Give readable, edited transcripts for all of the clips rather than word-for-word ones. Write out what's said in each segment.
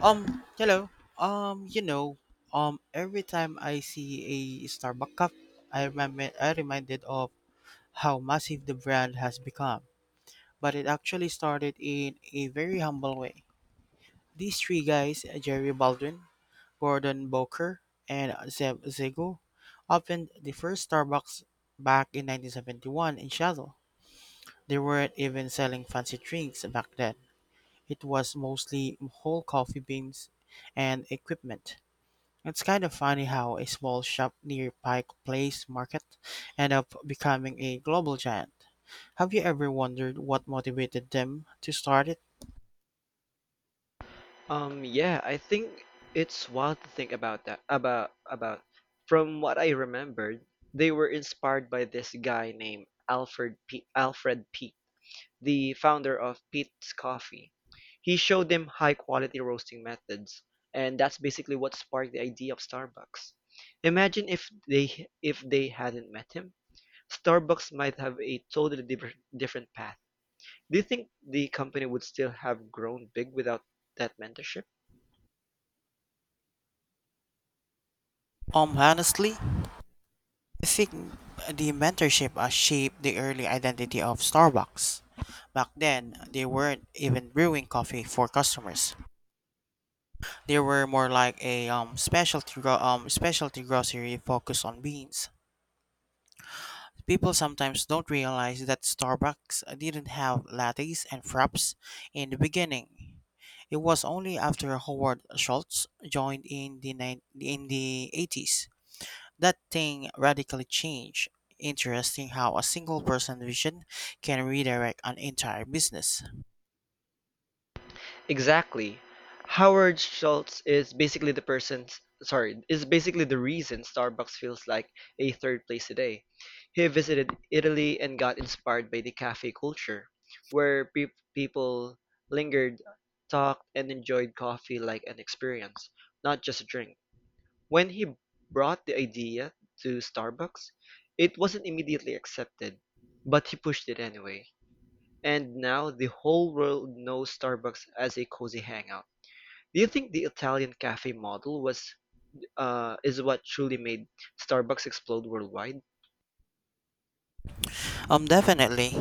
Hello. Um, you know, every time I see a Starbucks cup, I remember I reminded of how massive the brand has become. But it actually started in a very humble way. These three guys, Jerry Baldwin, Gordon Boker, and Zeb Zego, opened the first Starbucks back in 1971 in Seattle. They weren't even selling fancy drinks back then. It was mostly whole coffee beans and equipment. It's kinda funny how a small shop near Pike Place Market ended up becoming a global giant. Have you ever wondered what motivated them to start it? Yeah, I think it's wild to think about that. About from what I remembered, they were inspired by this guy named Alfred P. Alfred Peet, the founder of Peet's Coffee. He showed them high quality roasting methods, and that's basically what sparked the idea of Starbucks. Imagine if they hadn't met him, Starbucks might have a totally different path. Do you think the company would still have grown big without that mentorship? Honestly, I think the mentorship shaped the early identity of Starbucks. Back then, they weren't even brewing coffee for customers. They were more like a specialty grocery focused on beans. People sometimes don't realize that Starbucks didn't have lattes and fraps in the beginning. It was only after Howard Schultz joined in the nine in the 80s that thing radically changed. Interesting how a single person vision can redirect an entire business. Exactly. Howard Schultz is basically the reason Starbucks feels like a third place today. He visited Italy and got inspired by the cafe culture, where people lingered, talked, and enjoyed coffee like an experience, not just a drink. When he brought the idea to Starbucks, it wasn't immediately accepted, but he pushed it anyway. And now the whole world knows Starbucks as a cozy hangout. Do you think the Italian cafe model was is what truly made Starbucks explode worldwide? Definitely.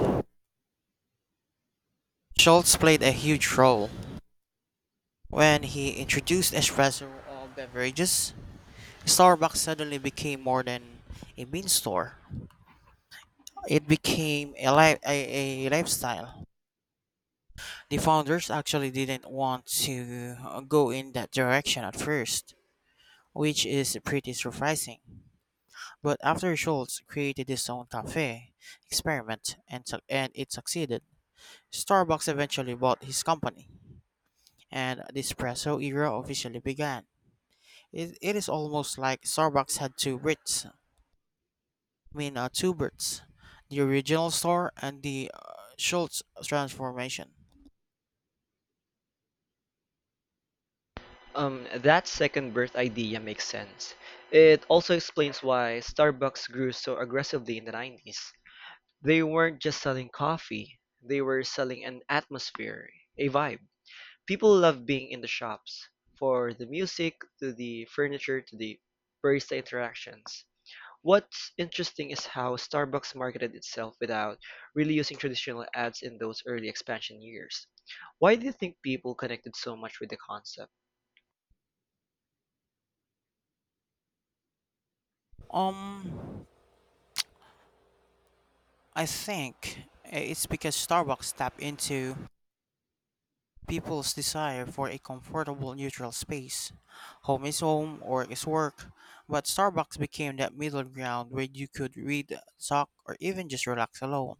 Schultz played a huge role. When he introduced espresso beverages, Starbucks suddenly became more than a bean store. It became a lifestyle. The founders actually didn't want to go in that direction at first, which is pretty surprising. But after Schultz created his own cafe experiment and it succeeded, Starbucks eventually bought his company, and the espresso era officially began. It is almost like Starbucks had two Brits, the original store and the Schultz transformation. That second birth idea makes sense. It also explains why Starbucks grew so aggressively in the 90s. They weren't just selling coffee, they were selling an atmosphere, a vibe. People love being in the shops, for the music, to the furniture, to the barista interactions. What's interesting is how Starbucks marketed itself without really using traditional ads in those early expansion years. Why do you think people connected so much with the concept? Um, I think it's because Starbucks tapped into people's desire for a comfortable, neutral space. Home is home, work is work. But Starbucks became that middle ground where you could read, talk, or even just relax alone.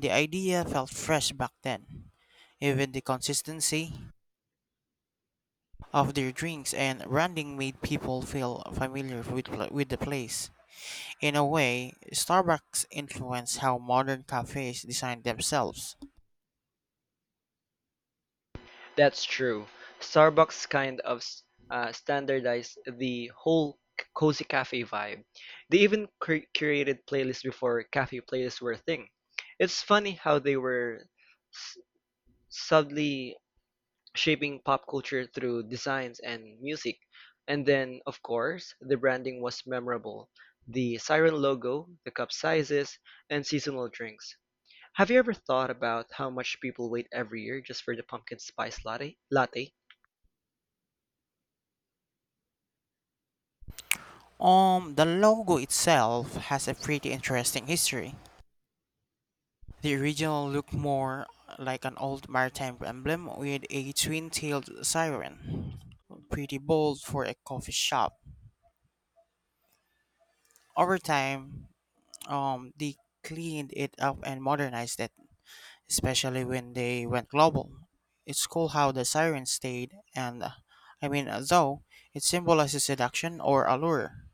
The idea felt fresh back then. Even the consistency of their drinks and branding made people feel familiar with the place. In a way, Starbucks influenced how modern cafes design themselves. That's true. Starbucks kind of standardized the whole cozy cafe vibe. They even curated playlists before cafe playlists were a thing. It's funny how they were s- subtly shaping pop culture through designs and music. And then, of course, the branding was memorable. The siren logo, the cup sizes, and seasonal drinks. Have you ever thought about how much people wait every year just for the pumpkin spice latte? The logo itself has a pretty interesting history. The original looked more like an old maritime emblem with a twin tailed siren. Pretty bold for a coffee shop. Over time, they cleaned it up and modernized it, especially when they went global. It's cool how the siren stayed, though, it symbolizes seduction or allure,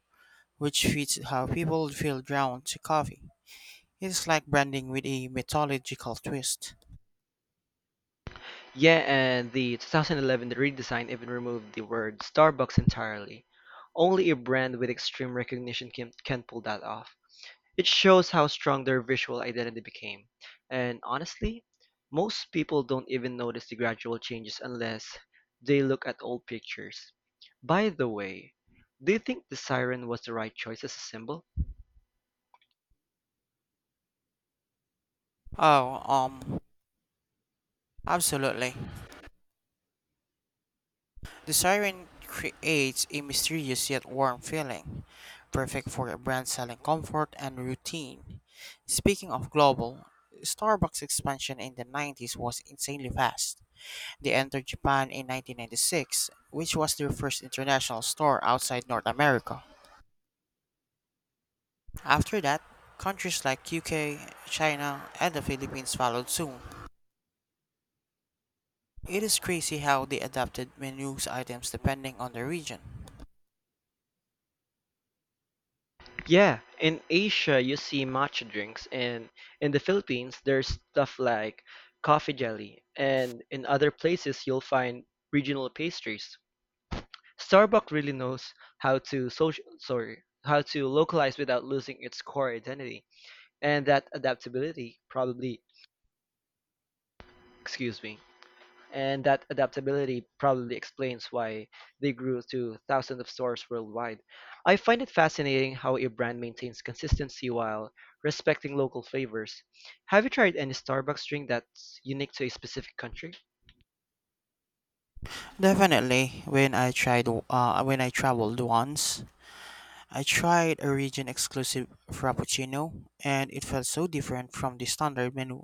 which fits how people feel drawn to coffee. It's like branding with a mythological twist. Yeah, and the 2011 redesign even removed the word Starbucks entirely. Only a brand with extreme recognition can pull that off. It shows how strong their visual identity became, and honestly, most people don't even notice the gradual changes unless they look at old pictures. By the way, do you think the siren was the right choice as a symbol? Oh, um, Absolutely. The siren creates a mysterious yet warm feeling, perfect for a brand selling comfort and routine. Speaking of global, Starbucks expansion in the 90s was insanely fast. They entered Japan in 1996, which was their first international store outside North America. After that, countries like UK, China, and the Philippines followed soon. It is crazy how they adapted menus items depending on the region. Yeah, in Asia you see matcha drinks, and in the Philippines there's stuff like coffee jelly, and in other places you'll find regional pastries. Starbuck really knows how to localize without losing its core identity, and that adaptability excuse me, probably explains why they grew to thousands of stores worldwide. I find it fascinating how a brand maintains consistency while respecting local flavors. Have you tried any Starbucks drink that's unique to a specific country? Definitely, when I tried when I traveled once, I tried a region exclusive frappuccino and it felt so different from the standard menu.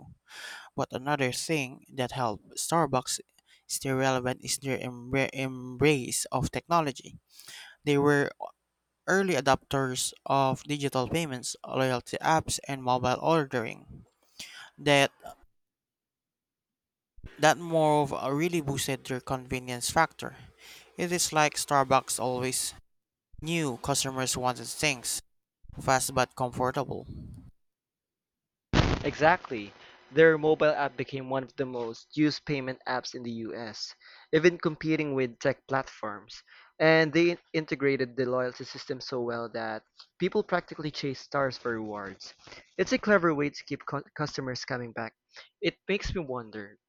But another thing that helped Starbucks stay relevant is their embrace of technology. They were early adopters of digital payments, loyalty apps, and mobile ordering that That move really boosted their convenience factor. It is like Starbucks always knew customers wanted things fast but comfortable. Exactly. Their mobile app became one of the most used payment apps in the US, even competing with tech platforms. And they integrated the loyalty system so well that people practically chase stars for rewards. It's a clever way to keep customers coming back. It makes me wonder,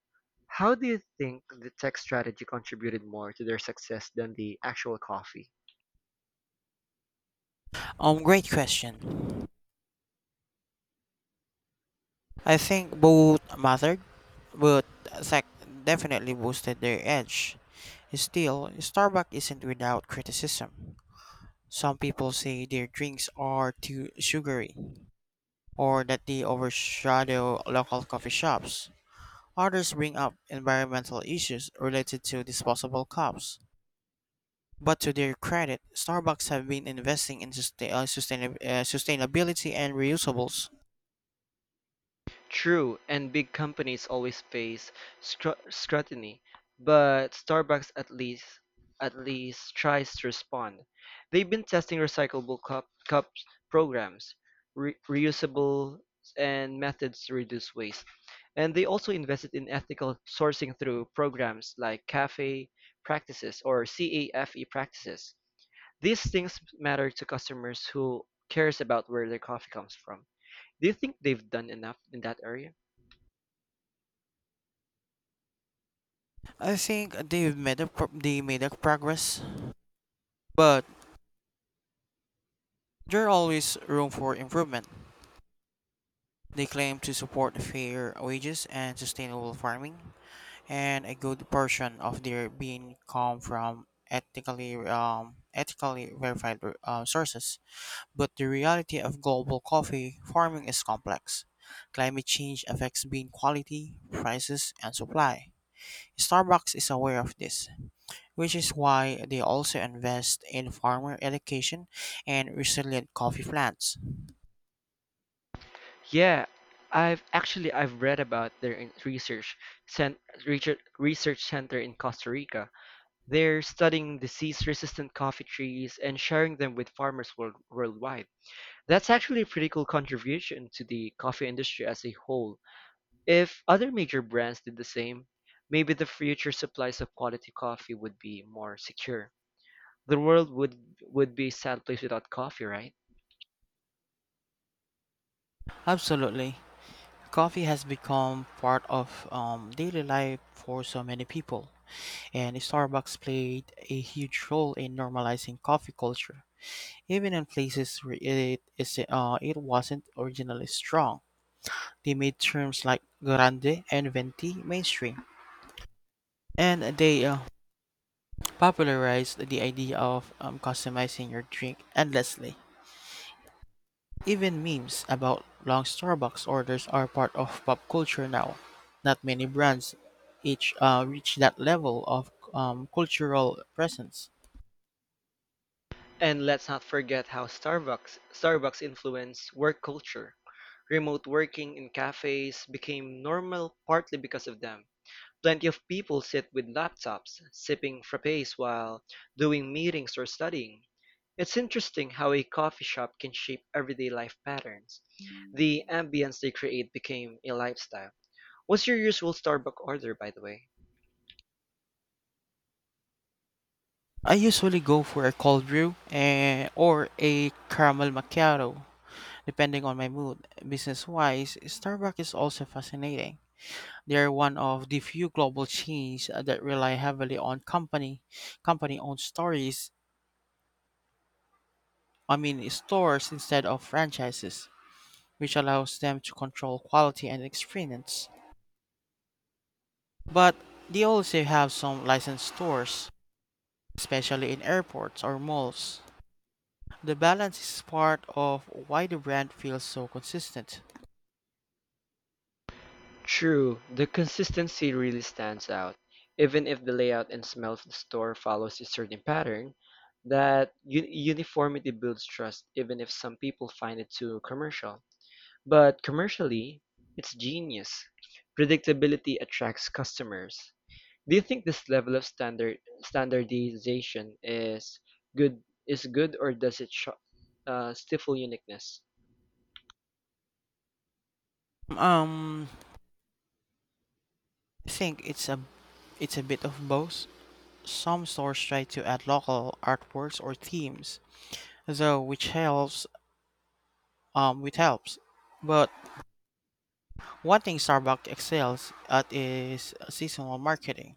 how do you think the tech strategy contributed more to their success than the actual coffee? Great question. I think both mattered, but tech definitely boosted their edge. Still, Starbucks isn't without criticism. Some people say their drinks are too sugary, or that they overshadow local coffee shops. Others bring up environmental issues related to disposable cups. But to their credit, Starbucks have been investing in sustainability and reusables. True, and big companies always face scrutiny, but Starbucks at least tries to respond. They've been testing recyclable cups programs, reusable and methods to reduce waste. And they also invested in ethical sourcing through programs like cafe practices or CAFE practices. These things matter to customers who cares about where their coffee comes from. Do you think they've done enough in that area? I think they made a progress, but there's always room for improvement. They claim to support fair wages and sustainable farming, and a good portion of their being come from ethically verified sources. But the reality of global coffee farming is complex. Climate change affects bean quality, prices, and supply. Starbucks is aware of this, which is why they also invest in farmer education and resilient coffee plants. Yeah, I've actually I've read about their cent- research center in Costa Rica. They're studying disease-resistant coffee trees and sharing them with farmers worldwide. That's actually a pretty cool contribution to the coffee industry as a whole. If other major brands did the same, maybe the future supplies of quality coffee would be more secure. The world would be a sad place without coffee, right? Absolutely. Coffee has become part of daily life for so many people, and Starbucks played a huge role in normalizing coffee culture. Even in places where it wasn't originally strong, they made terms like grande and venti mainstream, and they popularized the idea of customizing your drink endlessly. Even memes about long Starbucks orders are part of pop culture now. Not many brands each reach that level of cultural presence. And let's not forget how Starbucks influenced work culture. Remote working in cafes became normal partly because of them. Plenty of people sit with laptops, sipping frappes while doing meetings or studying. It's interesting how a coffee shop can shape everyday life patterns. The ambience they create became a lifestyle. What's your usual Starbucks order, by the way? I usually go for a cold brew or a caramel macchiato. Depending on my mood, business wise, Starbucks is also fascinating. They are one of the few global chains that rely heavily on company owned stories I mean stores instead of franchises, which allows them to control quality and experience. But they also have some licensed stores, especially in airports or malls. The balance is part of why the brand feels so consistent. True, the consistency really stands out. Even if the layout and smell of the store follows a certain pattern, that uniformity builds trust even if some people find it too commercial. But commercially, it's genius. Predictability attracts customers. Do you think this level of standard standardization is good is good or does it stifle uniqueness? Um I think it's a bit of both. Some stores try to add local artworks or themes, though which helps. But one thing Starbucks excels at is seasonal marketing.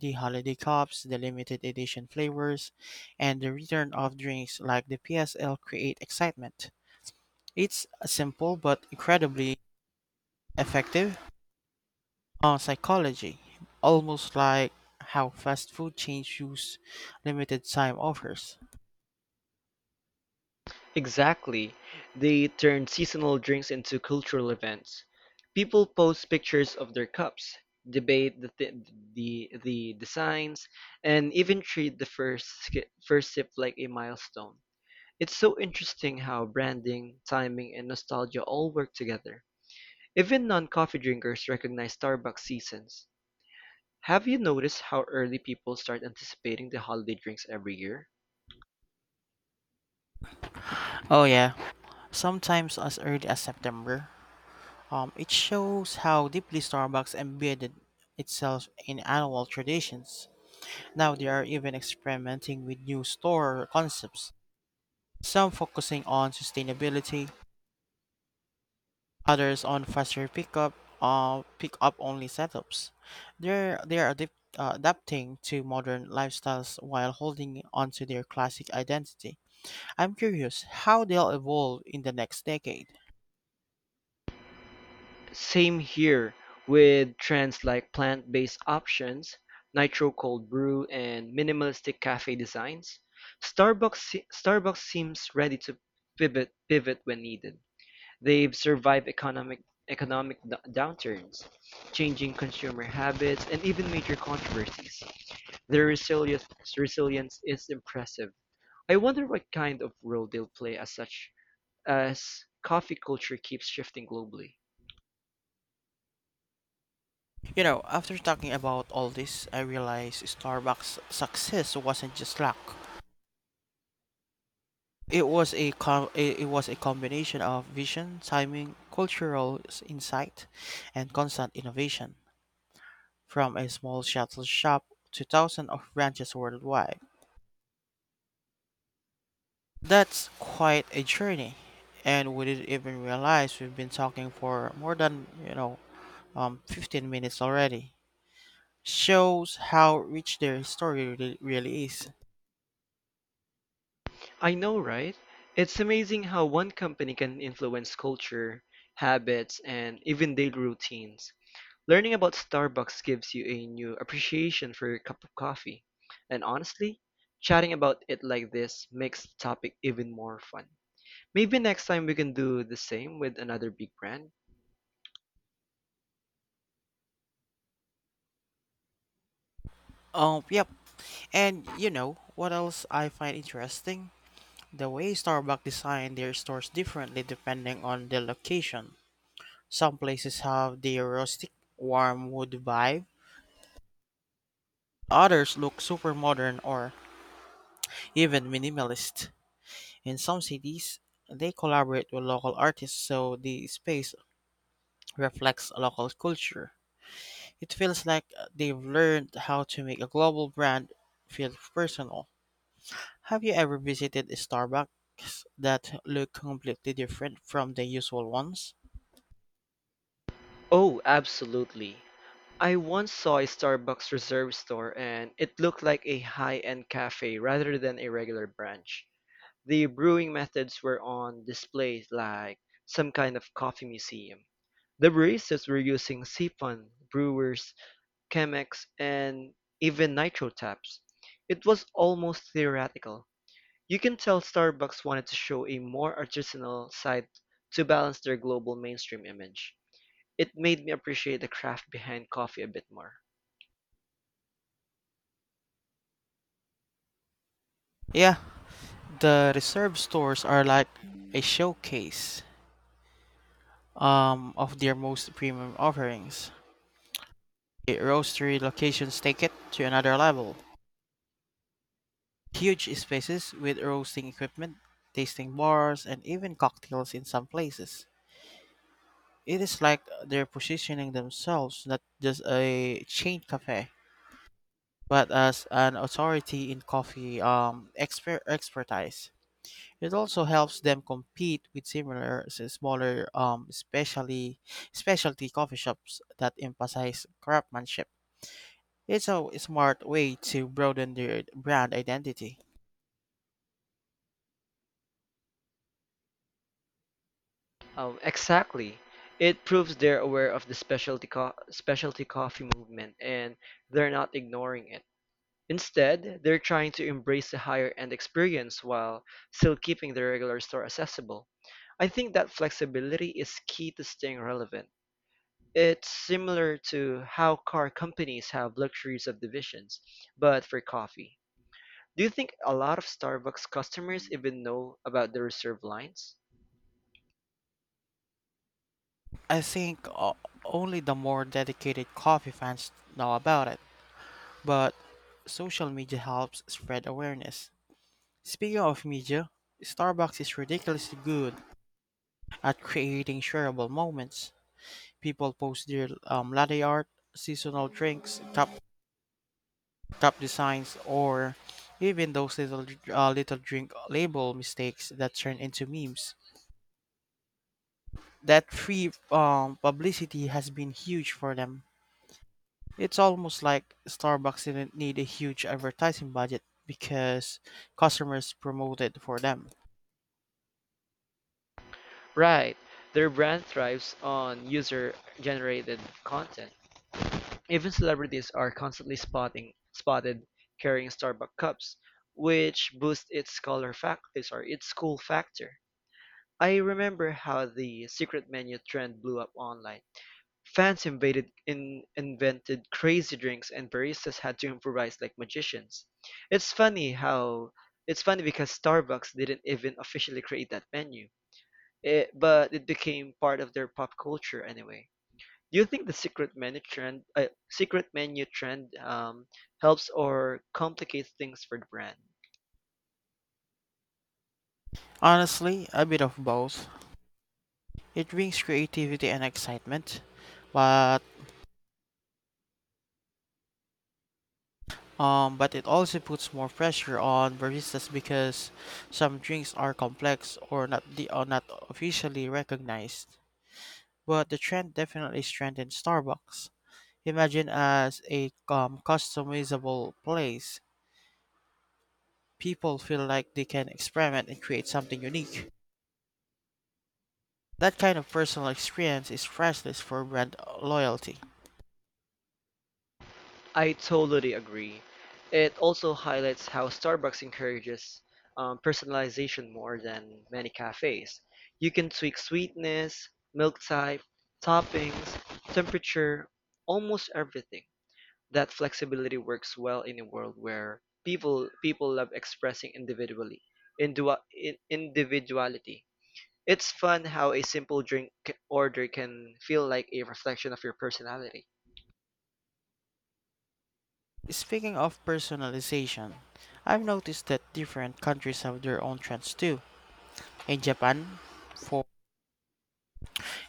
The holiday cups, the limited edition flavors, and the return of drinks like the PSL create excitement. It's a simple but incredibly effective on psychology, almost like how fast food chain use limited time offers. Exactly. They turned seasonal drinks into cultural events. People post pictures of their cups, debate the th- the designs, and even treat the first sip like a milestone. It's so interesting how branding, timing, and nostalgia all work together. Even non-coffee drinkers recognize Starbucks seasons. Have you noticed how early people start anticipating the holiday drinks every year? Oh yeah, sometimes as early as September. It shows how deeply Starbucks embedded itself in annual traditions. Now they are even experimenting with new store concepts, some focusing on sustainability, others on faster pickup, pick up only setups. They are adapting to modern lifestyles while holding onto their classic identity. I'm curious how they'll evolve in the next decade. Same here with trends like plant-based options, nitro cold brew, and minimalistic cafe designs. Starbucks seems ready to pivot when needed. They've survived economic downturns, changing consumer habits, and even major controversies. Their resilience is impressive. I wonder what kind of role they'll play as such as coffee culture keeps shifting globally. You know, after talking about all this, I realized Starbucks' success wasn't just luck. It was a com- it was a combination of vision, timing, cultural insight, and constant innovation. From a small shuttle shop to thousands of branches worldwide. That's quite a journey, and we didn't even realize we've been talking for more than 15 minutes already. Shows how rich their history really, really is. I know, right? It's amazing how one company can influence culture, habits, and even daily routines. Learning about Starbucks gives you a new appreciation for your cup of coffee. And honestly, chatting about it like this makes the topic even more fun. Maybe next time we can do the same with another big brand? Yep. And you know what else I find interesting? The way Starbucks design their stores differently depending on the location. Some places have the rustic, warm wood vibe. Others look super modern or even minimalist. In some cities, they collaborate with local artists so the space reflects local culture. It feels like they've learned how to make a global brand feel personal. Have you ever visited a Starbucks that look completely different from the usual ones? Oh, absolutely. I once saw a Starbucks reserve store and it looked like a high end cafe rather than a regular branch. The brewing methods were on display like some kind of coffee museum. The baristas were using siphon brewers, Chemex, and even nitro taps. It was almost theoretical. You can tell Starbucks wanted to show a more artisanal side to balance their global mainstream image. It made me appreciate the craft behind coffee a bit more. Yeah, the reserve stores are like a showcase of their most premium offerings. The roastery locations take it to another level. Huge spaces with roasting equipment, tasting bars, and even cocktails in some places. It is like they're positioning themselves not just a chain cafe, but as an authority in coffee expertise. It also helps them compete with similar smaller specially specialty coffee shops that emphasize craftsmanship. It's a smart way to broaden their brand identity. Exactly. It proves they're aware of the specialty coffee movement and they're not ignoring it. Instead, they're trying to embrace the higher end experience while still keeping the regular store accessible. I think that flexibility is key to staying relevant. It's similar to how car companies have luxury subdivisions, but for coffee. Do you think a lot of Starbucks customers even know about the reserve lines? I think o- Only the more dedicated coffee fans know about it, but social media helps spread awareness. Speaking of media, Starbucks is ridiculously good at creating shareable moments. People post their latte art, seasonal drinks, top designs, or even those little little drink label mistakes that turn into memes. That free publicity has been huge for them. It's almost like Starbucks didn't need a huge advertising budget because customers promoted for them. Right. Their brand thrives on user-generated content. Even celebrities are constantly spotting spotted carrying Starbucks cups, which boosts its cool factor. I remember how the secret menu trend blew up online. Fans invaded and invented crazy drinks and baristas had to improvise like magicians. It's funny how it's funny because Starbucks didn't even officially create that menu. But it became part of their pop culture anyway. Do you think the secret menu trend helps or complicates things for the brand? Honestly, a bit of both. It brings creativity and excitement, but but it also puts more pressure on baristas because some drinks are complex or not officially recognized. But the trend definitely strengthened Starbucks. Imagine as a customizable place. People feel like they can experiment and create something unique. That kind of personal experience is priceless for brand loyalty. I totally agree. It also highlights how Starbucks encourages personalization more than many cafes. You can tweak sweetness, milk type, toppings, temperature, almost everything. That flexibility works well in a world where people love expressing individuality. It's fun how a simple drink order can feel like a reflection of your personality. Speaking of personalization, I've noticed that different countries have their own trends too. In Japan, for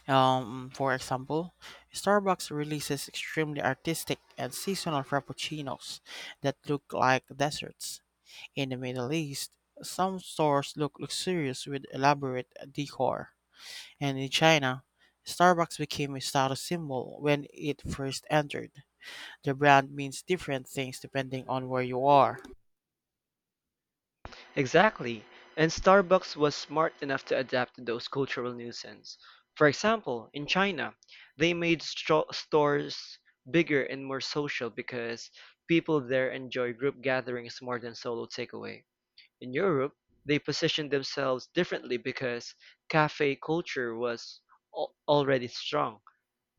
for example, Starbucks releases extremely artistic and seasonal frappuccinos that look like deserts. In the Middle East, some stores look luxurious with elaborate decor. And in China, Starbucks became a status symbol when it first entered. The brand means different things depending on where you are. Exactly. And Starbucks was smart enough to adapt to those cultural nuisances. For example, in China, they made stro stores bigger and more social because people there enjoy group gatherings more than solo takeaway. In Europe, they positioned themselves differently because cafe culture was al already strong.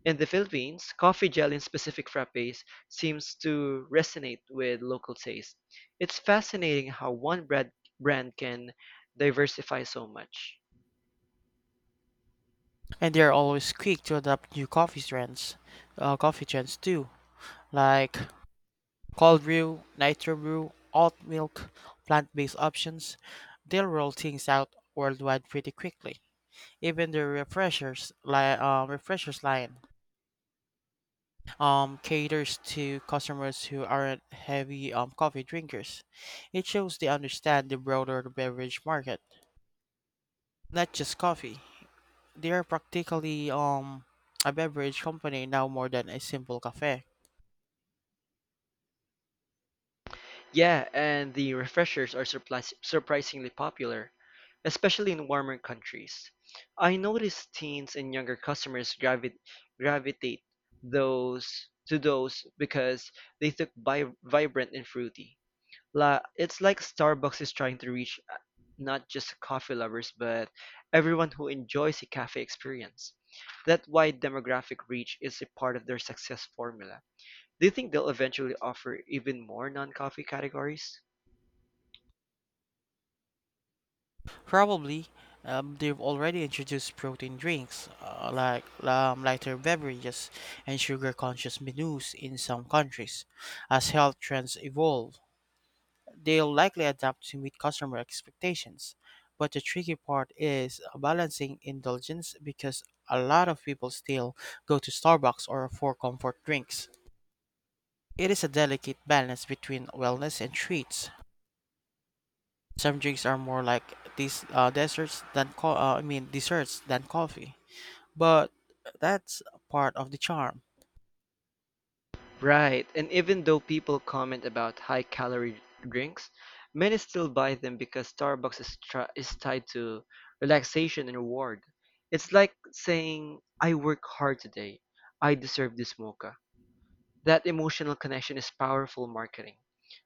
In the Philippines, coffee gel in specific frappes seems to resonate with local taste. It's fascinating how one brand can diversify so much. And they are always quick to adapt new coffee trends, too, like cold brew, nitro brew, oat milk, plant-based options. They'll roll things out worldwide pretty quickly. Even the refreshers line caters to customers who aren't heavy coffee drinkers. It shows they understand the broader beverage market, not just coffee. They are practically a beverage company now more than a simple cafe. Yeah, and the refreshers are surprisingly popular, especially in warmer countries. I notice teens and younger customers gravitate those to those because they look vibrant and fruity. It's like Starbucks is trying to reach not just coffee lovers, but everyone who enjoys a cafe experience. That wide demographic reach is a part of their success formula. Do you think they'll eventually offer even more non-coffee categories? Probably, they've already introduced protein drinks, lighter beverages, and sugar conscious menus in some countries. As health trends evolve, they'll likely adapt to meet customer expectations. But the tricky part is balancing indulgence because a lot of people still go to Starbucks or for comfort drinks. It is a delicate balance between wellness and treats. Some drinks are more like these desserts than co- I mean desserts than coffee. But that's part of the charm. Right, and even though people comment about high-calorie drinks, many still buy them because Starbucks is tied to relaxation and reward. It's like saying, I work hard today. I deserve this mocha. That emotional connection is powerful marketing.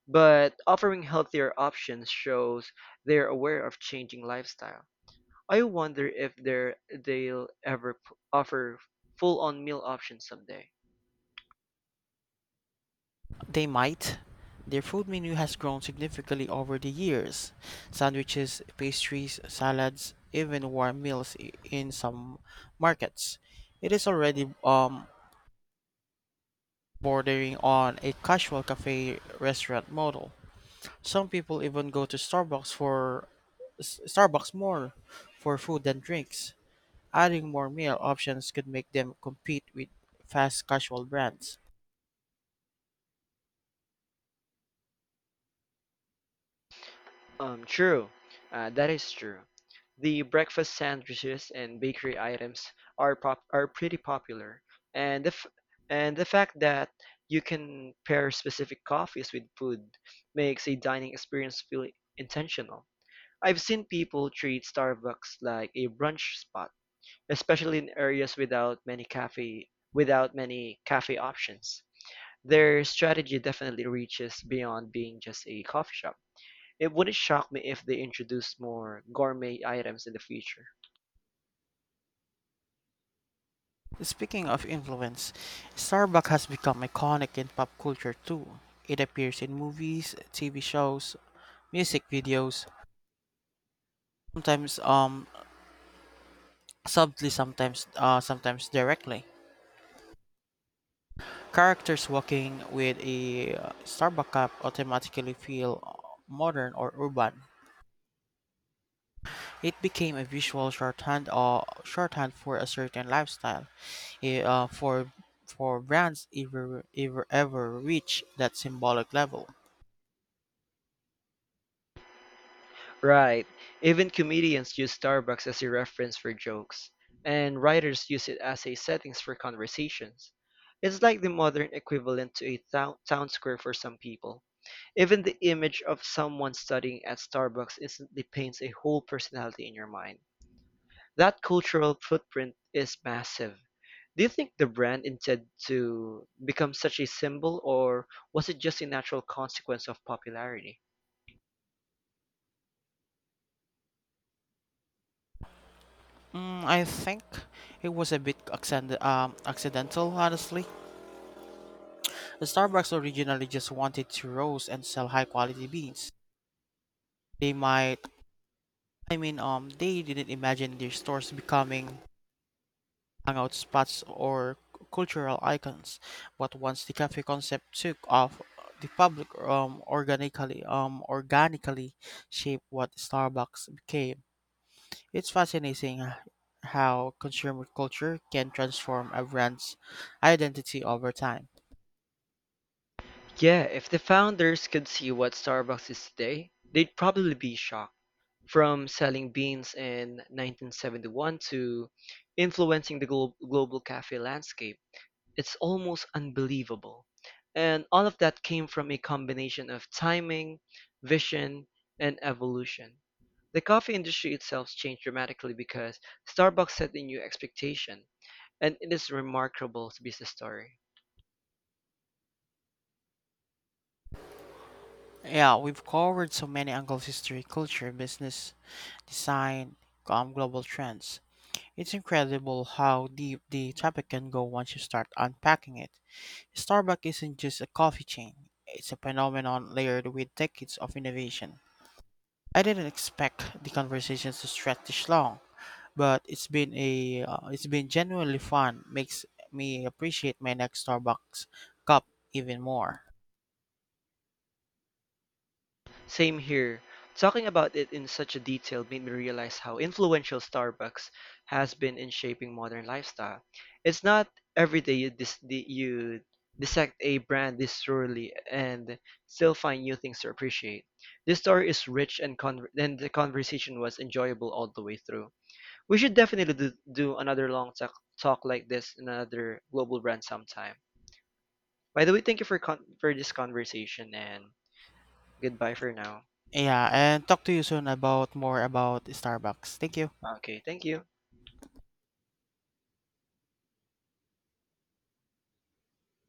But offering healthier options shows they're aware of changing lifestyle. I wonder if there they'll ever offer full-on meal options someday. They might. Their food menu has grown significantly over the years. Sandwiches, pastries, salads, even warm meals in some markets. It is already bordering on a casual cafe restaurant model. Some people even go to Starbucks for S- Starbucks more for food than drinks. Adding more meal options could make them compete with fast casual brands. True. That is true. The breakfast sandwiches and bakery items are pretty popular, and the f and the fact that you can pair specific coffees with food makes a dining experience feel intentional. I've seen people treat Starbucks like a brunch spot, especially in areas without many cafe options. Their strategy definitely reaches beyond being just a coffee shop. It wouldn't shock me if they introduced more gourmet items in the future. Speaking of influence, Starbucks has become iconic in pop culture too. It appears in movies, TV shows, music videos, sometimes subtly, sometimes directly. Characters walking with a Starbucks cup automatically feel modern or urban. It became a visual shorthand for a certain lifestyle, eh, uh, for for brands ever reach that symbolic level. Right. Even comedians use Starbucks as a reference for jokes, and writers use it as a settings for conversations. It's like the modern equivalent to a town square for some people. Even the image of someone studying at Starbucks instantly paints a whole personality in your mind. That cultural footprint is massive. Do you think the brand intended to become such a symbol, or was it just a natural consequence of popularity? I think it was a bit accidental, honestly. Starbucks originally just wanted to roast and sell high quality beans. They might, I mean, they didn't imagine their stores becoming hangout spots or cultural icons. But once the cafe concept took off, the public organically shaped what Starbucks became. It's fascinating how consumer culture can transform a brand's identity over time. Yeah, if the founders could see what Starbucks is today, they'd probably be shocked. From selling beans in 1971 to influencing the global cafe landscape. It's almost unbelievable. And all of that came from a combination of timing, vision, and evolution. The coffee industry itself changed dramatically because Starbucks set a new expectation, and it is remarkable to be the story. Yeah, we've covered so many angles: history, culture, business, design, global trends. It's incredible how deep the topic can go once you start unpacking it. Starbucks isn't just a coffee chain, it's a phenomenon layered with decades of innovation. I didn't expect the conversations to stretch this long, but it's been genuinely fun. Makes me appreciate my next Starbucks cup even more. Same here. Talking about it in such a detail made me realize how influential Starbucks has been in shaping modern lifestyle. It's not every day you dissect a brand this thoroughly and still find new things to appreciate. This story is rich and the conversation was enjoyable all the way through. We should definitely do another long talk like this in another global brand sometime. By the way, thank you for this conversation and goodbye for now. Yeah, and talk to you soon about more about Starbucks. Thank you. Okay, thank you.